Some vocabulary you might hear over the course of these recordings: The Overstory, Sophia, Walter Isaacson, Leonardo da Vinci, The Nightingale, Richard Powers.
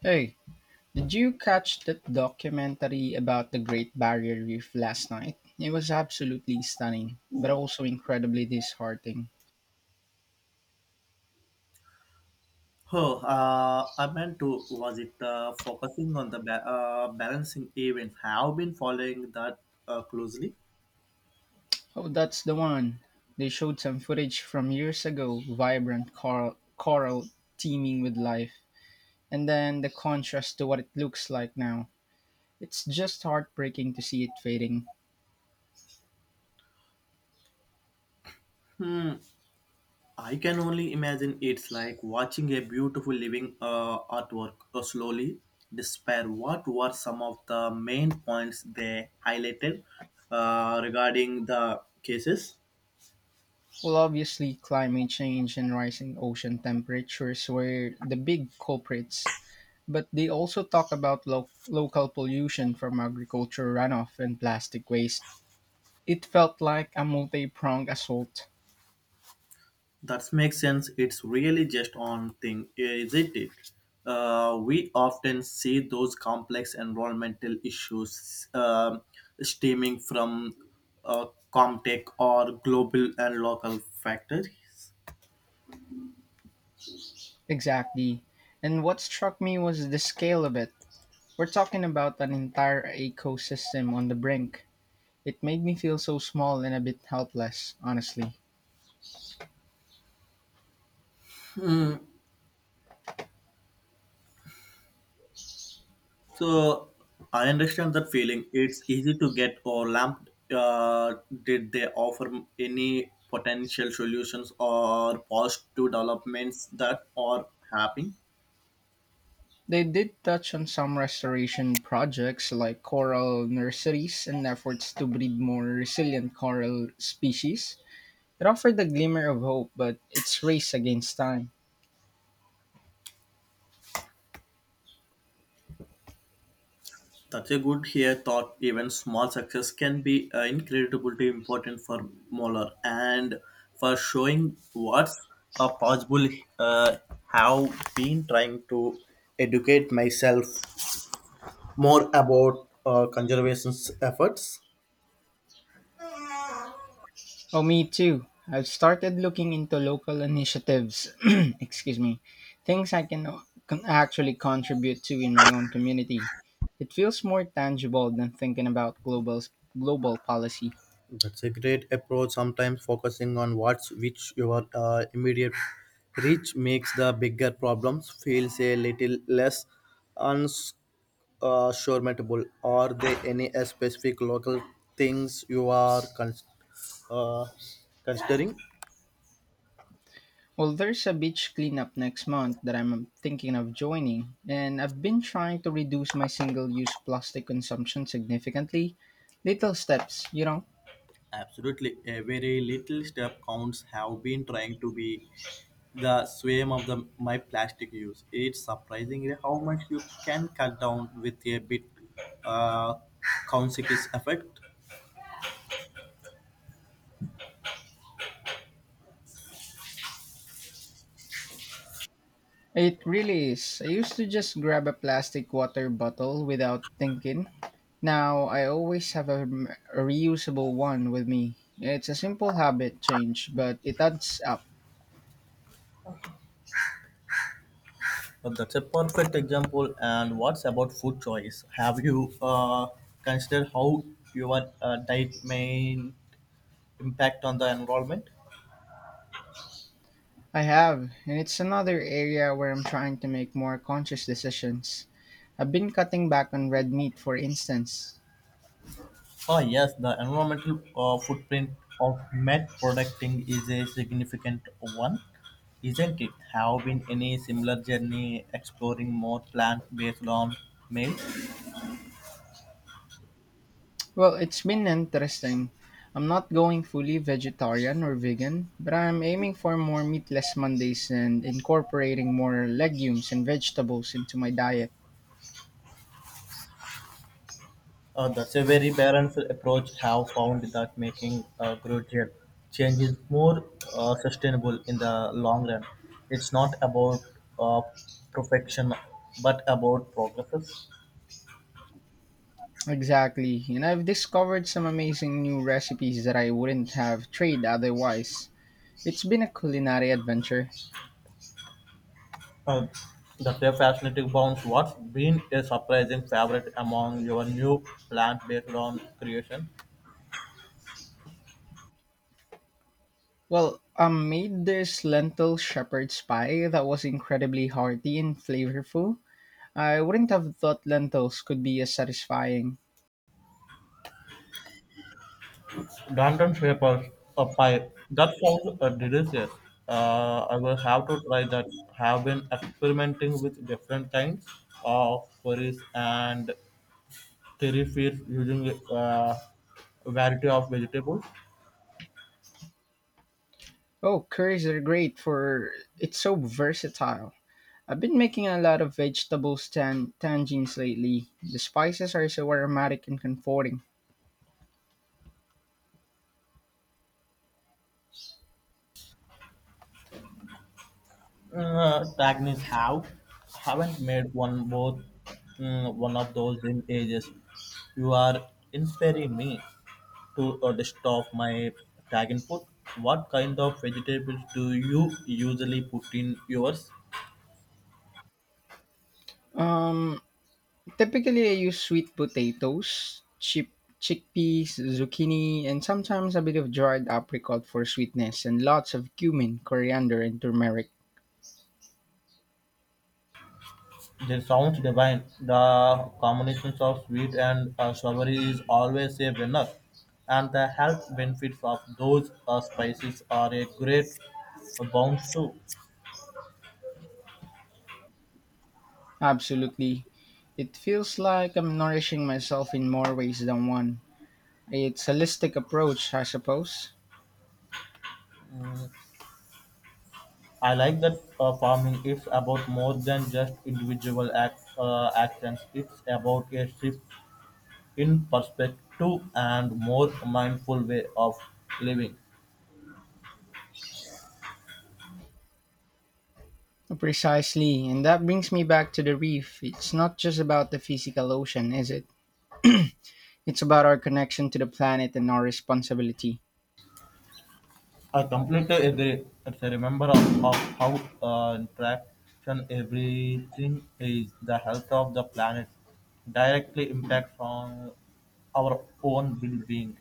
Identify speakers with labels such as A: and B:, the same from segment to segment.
A: Hey, did you catch that documentary about the Great Barrier Reef last night? It was absolutely stunning, but also incredibly disheartening.
B: Oh, I meant to. Was it focusing on the balancing events? Have been following that closely.
A: Oh, that's the one. They showed some footage from years ago, vibrant coral, coral teeming with life, and then the contrast to what it looks like now. It's just heartbreaking to see it fading.
B: I can only imagine it's like watching a beautiful living artwork slowly despair. What were some of the main points they highlighted regarding the cases?
A: Well, obviously, climate change and rising ocean temperatures were the big culprits, but they also talk about local pollution from agriculture runoff and plastic waste. It felt like a multi pronged assault.
B: That makes sense. It's really just on thing, isn't it? We often see those complex environmental issues stemming from uh, Comtech or global and local factors.
A: Exactly. And what struck me was the scale of it. We're talking about an entire ecosystem on the brink. It made me feel so small and a bit helpless, honestly.
B: So I understand that feeling. It's easy to get overwhelmed. Did they offer any potential solutions or positive developments that are happening?
A: They did touch on some restoration projects like coral nurseries and efforts to breed more resilient coral species. It offered a glimmer of hope, but it's race against time.
B: That's a good here thought. Even small success can be incredibly important for Molar and for showing what's possible. Uh, have been trying to educate myself more about conservation's efforts.
A: Oh, me too. I've started looking into local initiatives, excuse me, things I can actually contribute to in my own community. It feels more tangible than thinking about global policy.
B: That's a great approach. Sometimes focusing on what's which your immediate reach makes the bigger problems feels a little less uns surmountable. Are there any specific local things you are uh, considering?
A: Well, there's a beach cleanup next month that I'm thinking of joining, and I've been trying to reduce my single-use plastic consumption significantly. Little steps, you know.
B: Absolutely, a very little step counts have been trying to be the swim of the my plastic use. It's surprising how much you can cut down with a bit uh, consequence effect.
A: It really is. I used to just grab a plastic water bottle without thinking. Now I always have a, a reusable one with me. It's a simple habit change, but it adds up.
B: But that's a perfect example. And what's about food choice? Have you considered how your diet may impact on the environment?
A: I have, and it's another area where I'm trying to make more conscious decisions. I've been cutting back on red meat, for instance.
B: Oh yes, the environmental footprint of meat producting is a significant one, isn't it? Have been any similar journey exploring more plant-based on meals?
A: Well, it's been interesting. I'm not going fully vegetarian or vegan, but I'm aiming for more meatless Mondays and incorporating more legumes and vegetables into my diet.
B: That's a very balanced approach. Have found that making gradual changes more sustainable in the long run. It's not about uh, perfection, but about progresses.
A: Exactly. And I've discovered some amazing new recipes that I wouldn't have tried otherwise. It's been a culinary adventure.
B: Uh, the Crave Fascinating Bounce, what's been a surprising favorite among your new plant-based round creation?
A: Well, I made this lentil shepherd's pie that was incredibly hearty and flavorful. I wouldn't have thought lentils could be as satisfying.
B: Danton Shapers a pie. That sounds delicious. I will have to try that. Have been experimenting with different kinds of curries and curry feeds using a variety of vegetables.
A: Oh, curries are great for it's so versatile. I've been making a lot of vegetable tangines lately. The spices are so aromatic and comforting.
B: Tagnis have haven't made one both one of those in ages. You are inspiring me to stop my tag input. What kind of vegetables do you usually put in yours?
A: Um, typically I use sweet potatoes, chip chickpeas, zucchini, and sometimes a bit of dried apricot for sweetness, and lots of cumin, coriander, and turmeric.
B: They sounds divine. The combinations of sweet and savory is always a winner, and the health benefits of those spices are a great bounce too.
A: Absolutely, it feels like I'm nourishing myself in more ways than one. It's a holistic approach, I suppose.
B: I like that farming is about more than just individual actions. It's about a shift in perspective and more mindful way of living.
A: Precisely, and that brings me back to the reef. It's not just about the physical ocean, is it? It's about our connection to the planet and our responsibility.
B: I completely agree. It's a remember of how interaction everything is. The health of the planet directly impacts on our own well-being.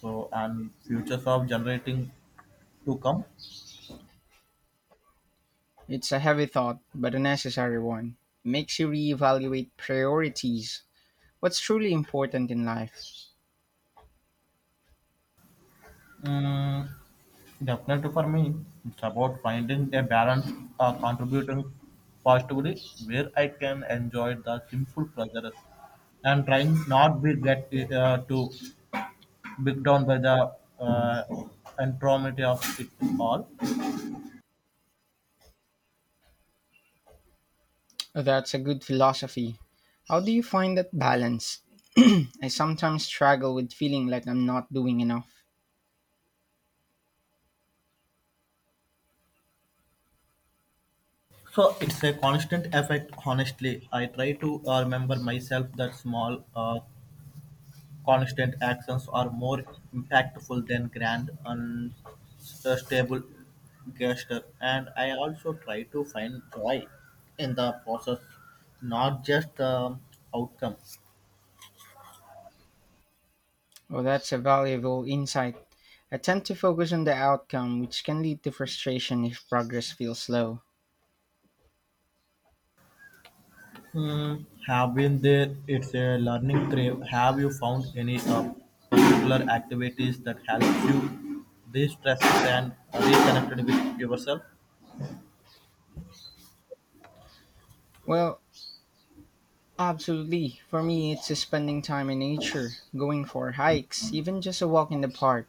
B: So and futures of generating to come.
A: It's a heavy thought, but a necessary one. It makes you reevaluate priorities, what's truly important in life.
B: Mm, The Definitely for me, it's about finding a balance, contributing positively where I can enjoy the simple pleasures and trying not be get too big down by the uh, enormity of it all.
A: That's a good philosophy. How do you find that balance? I sometimes struggle with feeling like I'm not doing enough.
B: So it's a constant effect. Honestly, I try to remember myself that small Constant actions are more impactful than grand unstable gestures, and I also try to find joy in the process, not just the outcome.
A: Well, that's a valuable insight. I tend to focus on the outcome, which can lead to frustration if progress feels slow.
B: Hmm, have been there. It's a learning trip. Have you found any particular activities that help you de-stress and reconnect with yourself?
A: Well, absolutely. For me, it's spending time in nature, going for hikes, even just a walk in the park.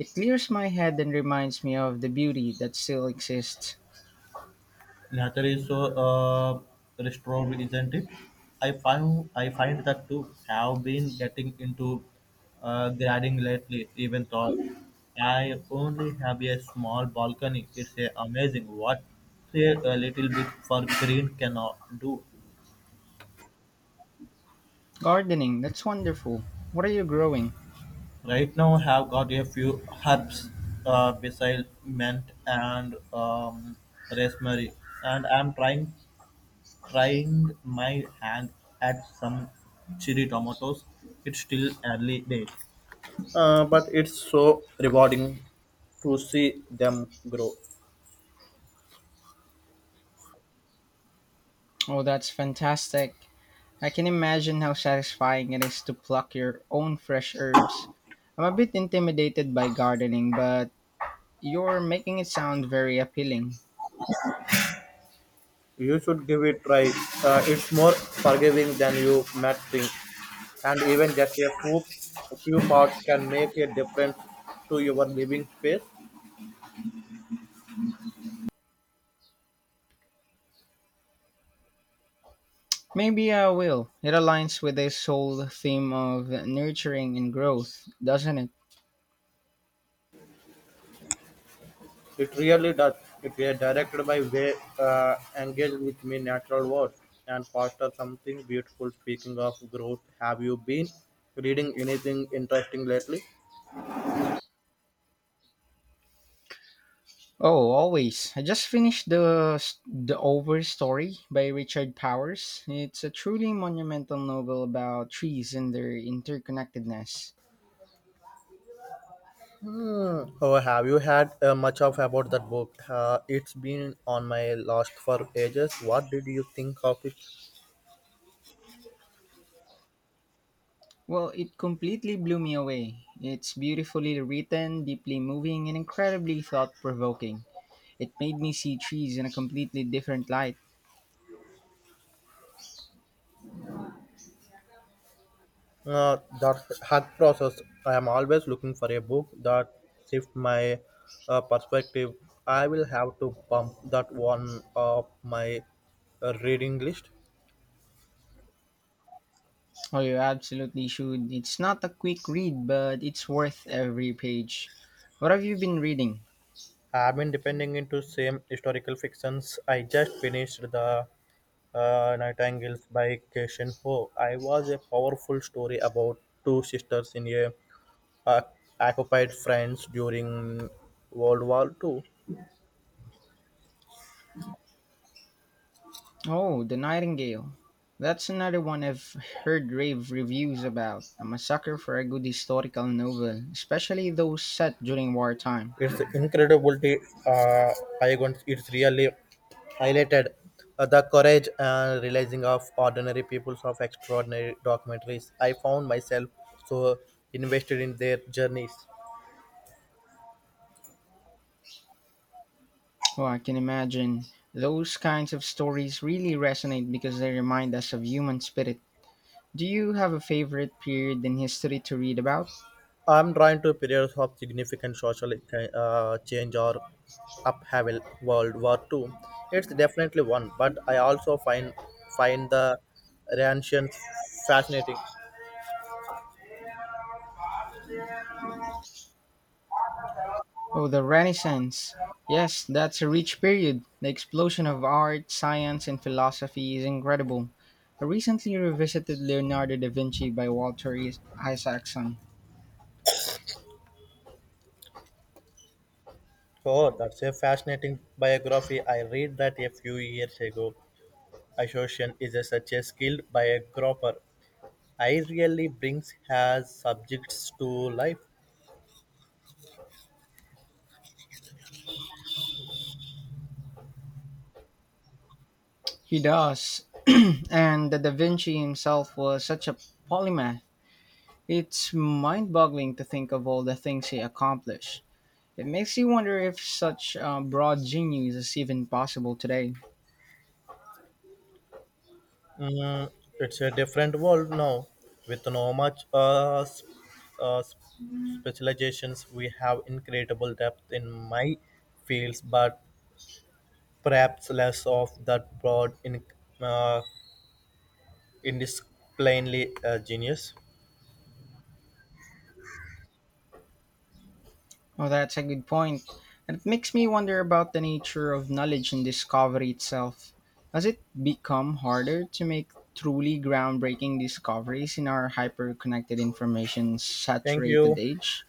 A: It clears my head and reminds me of the beauty that still exists.
B: Latter is so restored, isn't it? I find that too. Have been getting into gardening lately. Even though I only have a small balcony, it's a amazing what say a little bit for green cannot do.
A: Gardening, that's wonderful. What are you growing?
B: Right now, I have got a few herbs besides mint and rosemary, and I'm trying my hand at some cherry tomatoes. It's still early days, but it's so rewarding to see them grow.
A: Oh, that's fantastic. I can imagine how satisfying it is to pluck your own fresh herbs. I'm a bit intimidated by gardening, but you're making it sound very appealing.
B: You should give it try. It's more forgiving than you might think, and even just a few parts can make a difference to your living space.
A: Maybe I will. It aligns with this whole theme of nurturing and growth, doesn't it?
B: It really does. If you are directed by way engage with me natural words and foster something beautiful. Speaking of growth, have you been reading anything interesting lately?
A: Oh, always. I just finished the Over Story by Richard Powers. It's a truly monumental novel about trees and their interconnectedness.
B: Hmm. Oh, have you had much of about that book? It's been on my list for ages. What did you think of it?
A: Well, it completely blew me away. It's beautifully written, deeply moving, and incredibly thought-provoking. It made me see trees in a completely different light.
B: That hack process. I am always looking for a book that shifts my perspective. I will have to bump that one up my reading list.
A: Oh, you absolutely should. It's not a quick read, but it's worth every page. What have you been reading?
B: I've been depending into same historical fictions. I just finished the Nightingales by Cation Ho. I was a powerful story about two sisters in a uh, occupied France during World War II.
A: Oh, The Nightingale. That's another one I've heard rave reviews about. I'm a sucker for a good historical novel, especially those set during wartime.
B: It's incredible. Uh, I want it's really highlighted the courage and realizing of ordinary peoples of extraordinary documentaries. I found myself so invested in their journeys.
A: Oh, I can imagine. Those kinds of stories really resonate because they remind us of human spirit. Do you have a favorite period in history to read about?
B: I'm trying to periods of significant social change or upheaval World War II. It's definitely one, but I also find the Renaissance fascinating.
A: Oh, the Renaissance. Yes, that's a rich period. The explosion of art, science, and philosophy is incredible. I recently revisited Leonardo da Vinci by Walter Isaacson.
B: Oh, that's a fascinating biography I read that a few years ago. Association is a, such a skill by a biographer. I really brings her subjects to life.
A: He does. And the da Vinci himself was such a polymath. It's mind boggling to think of all the things he accomplished. It makes you wonder if such broad genius is even possible today.
B: Mm, it's a different world now, with no much uh, s- specializations. We have incredible depth in my fields, but perhaps less of that broad in uh, indisciplinary genius.
A: Well, that's a good point. And it makes me wonder about the nature of knowledge and discovery itself. Has it become harder to make truly groundbreaking discoveries in our hyper connected information
B: Thank
A: saturated
B: you.
A: age?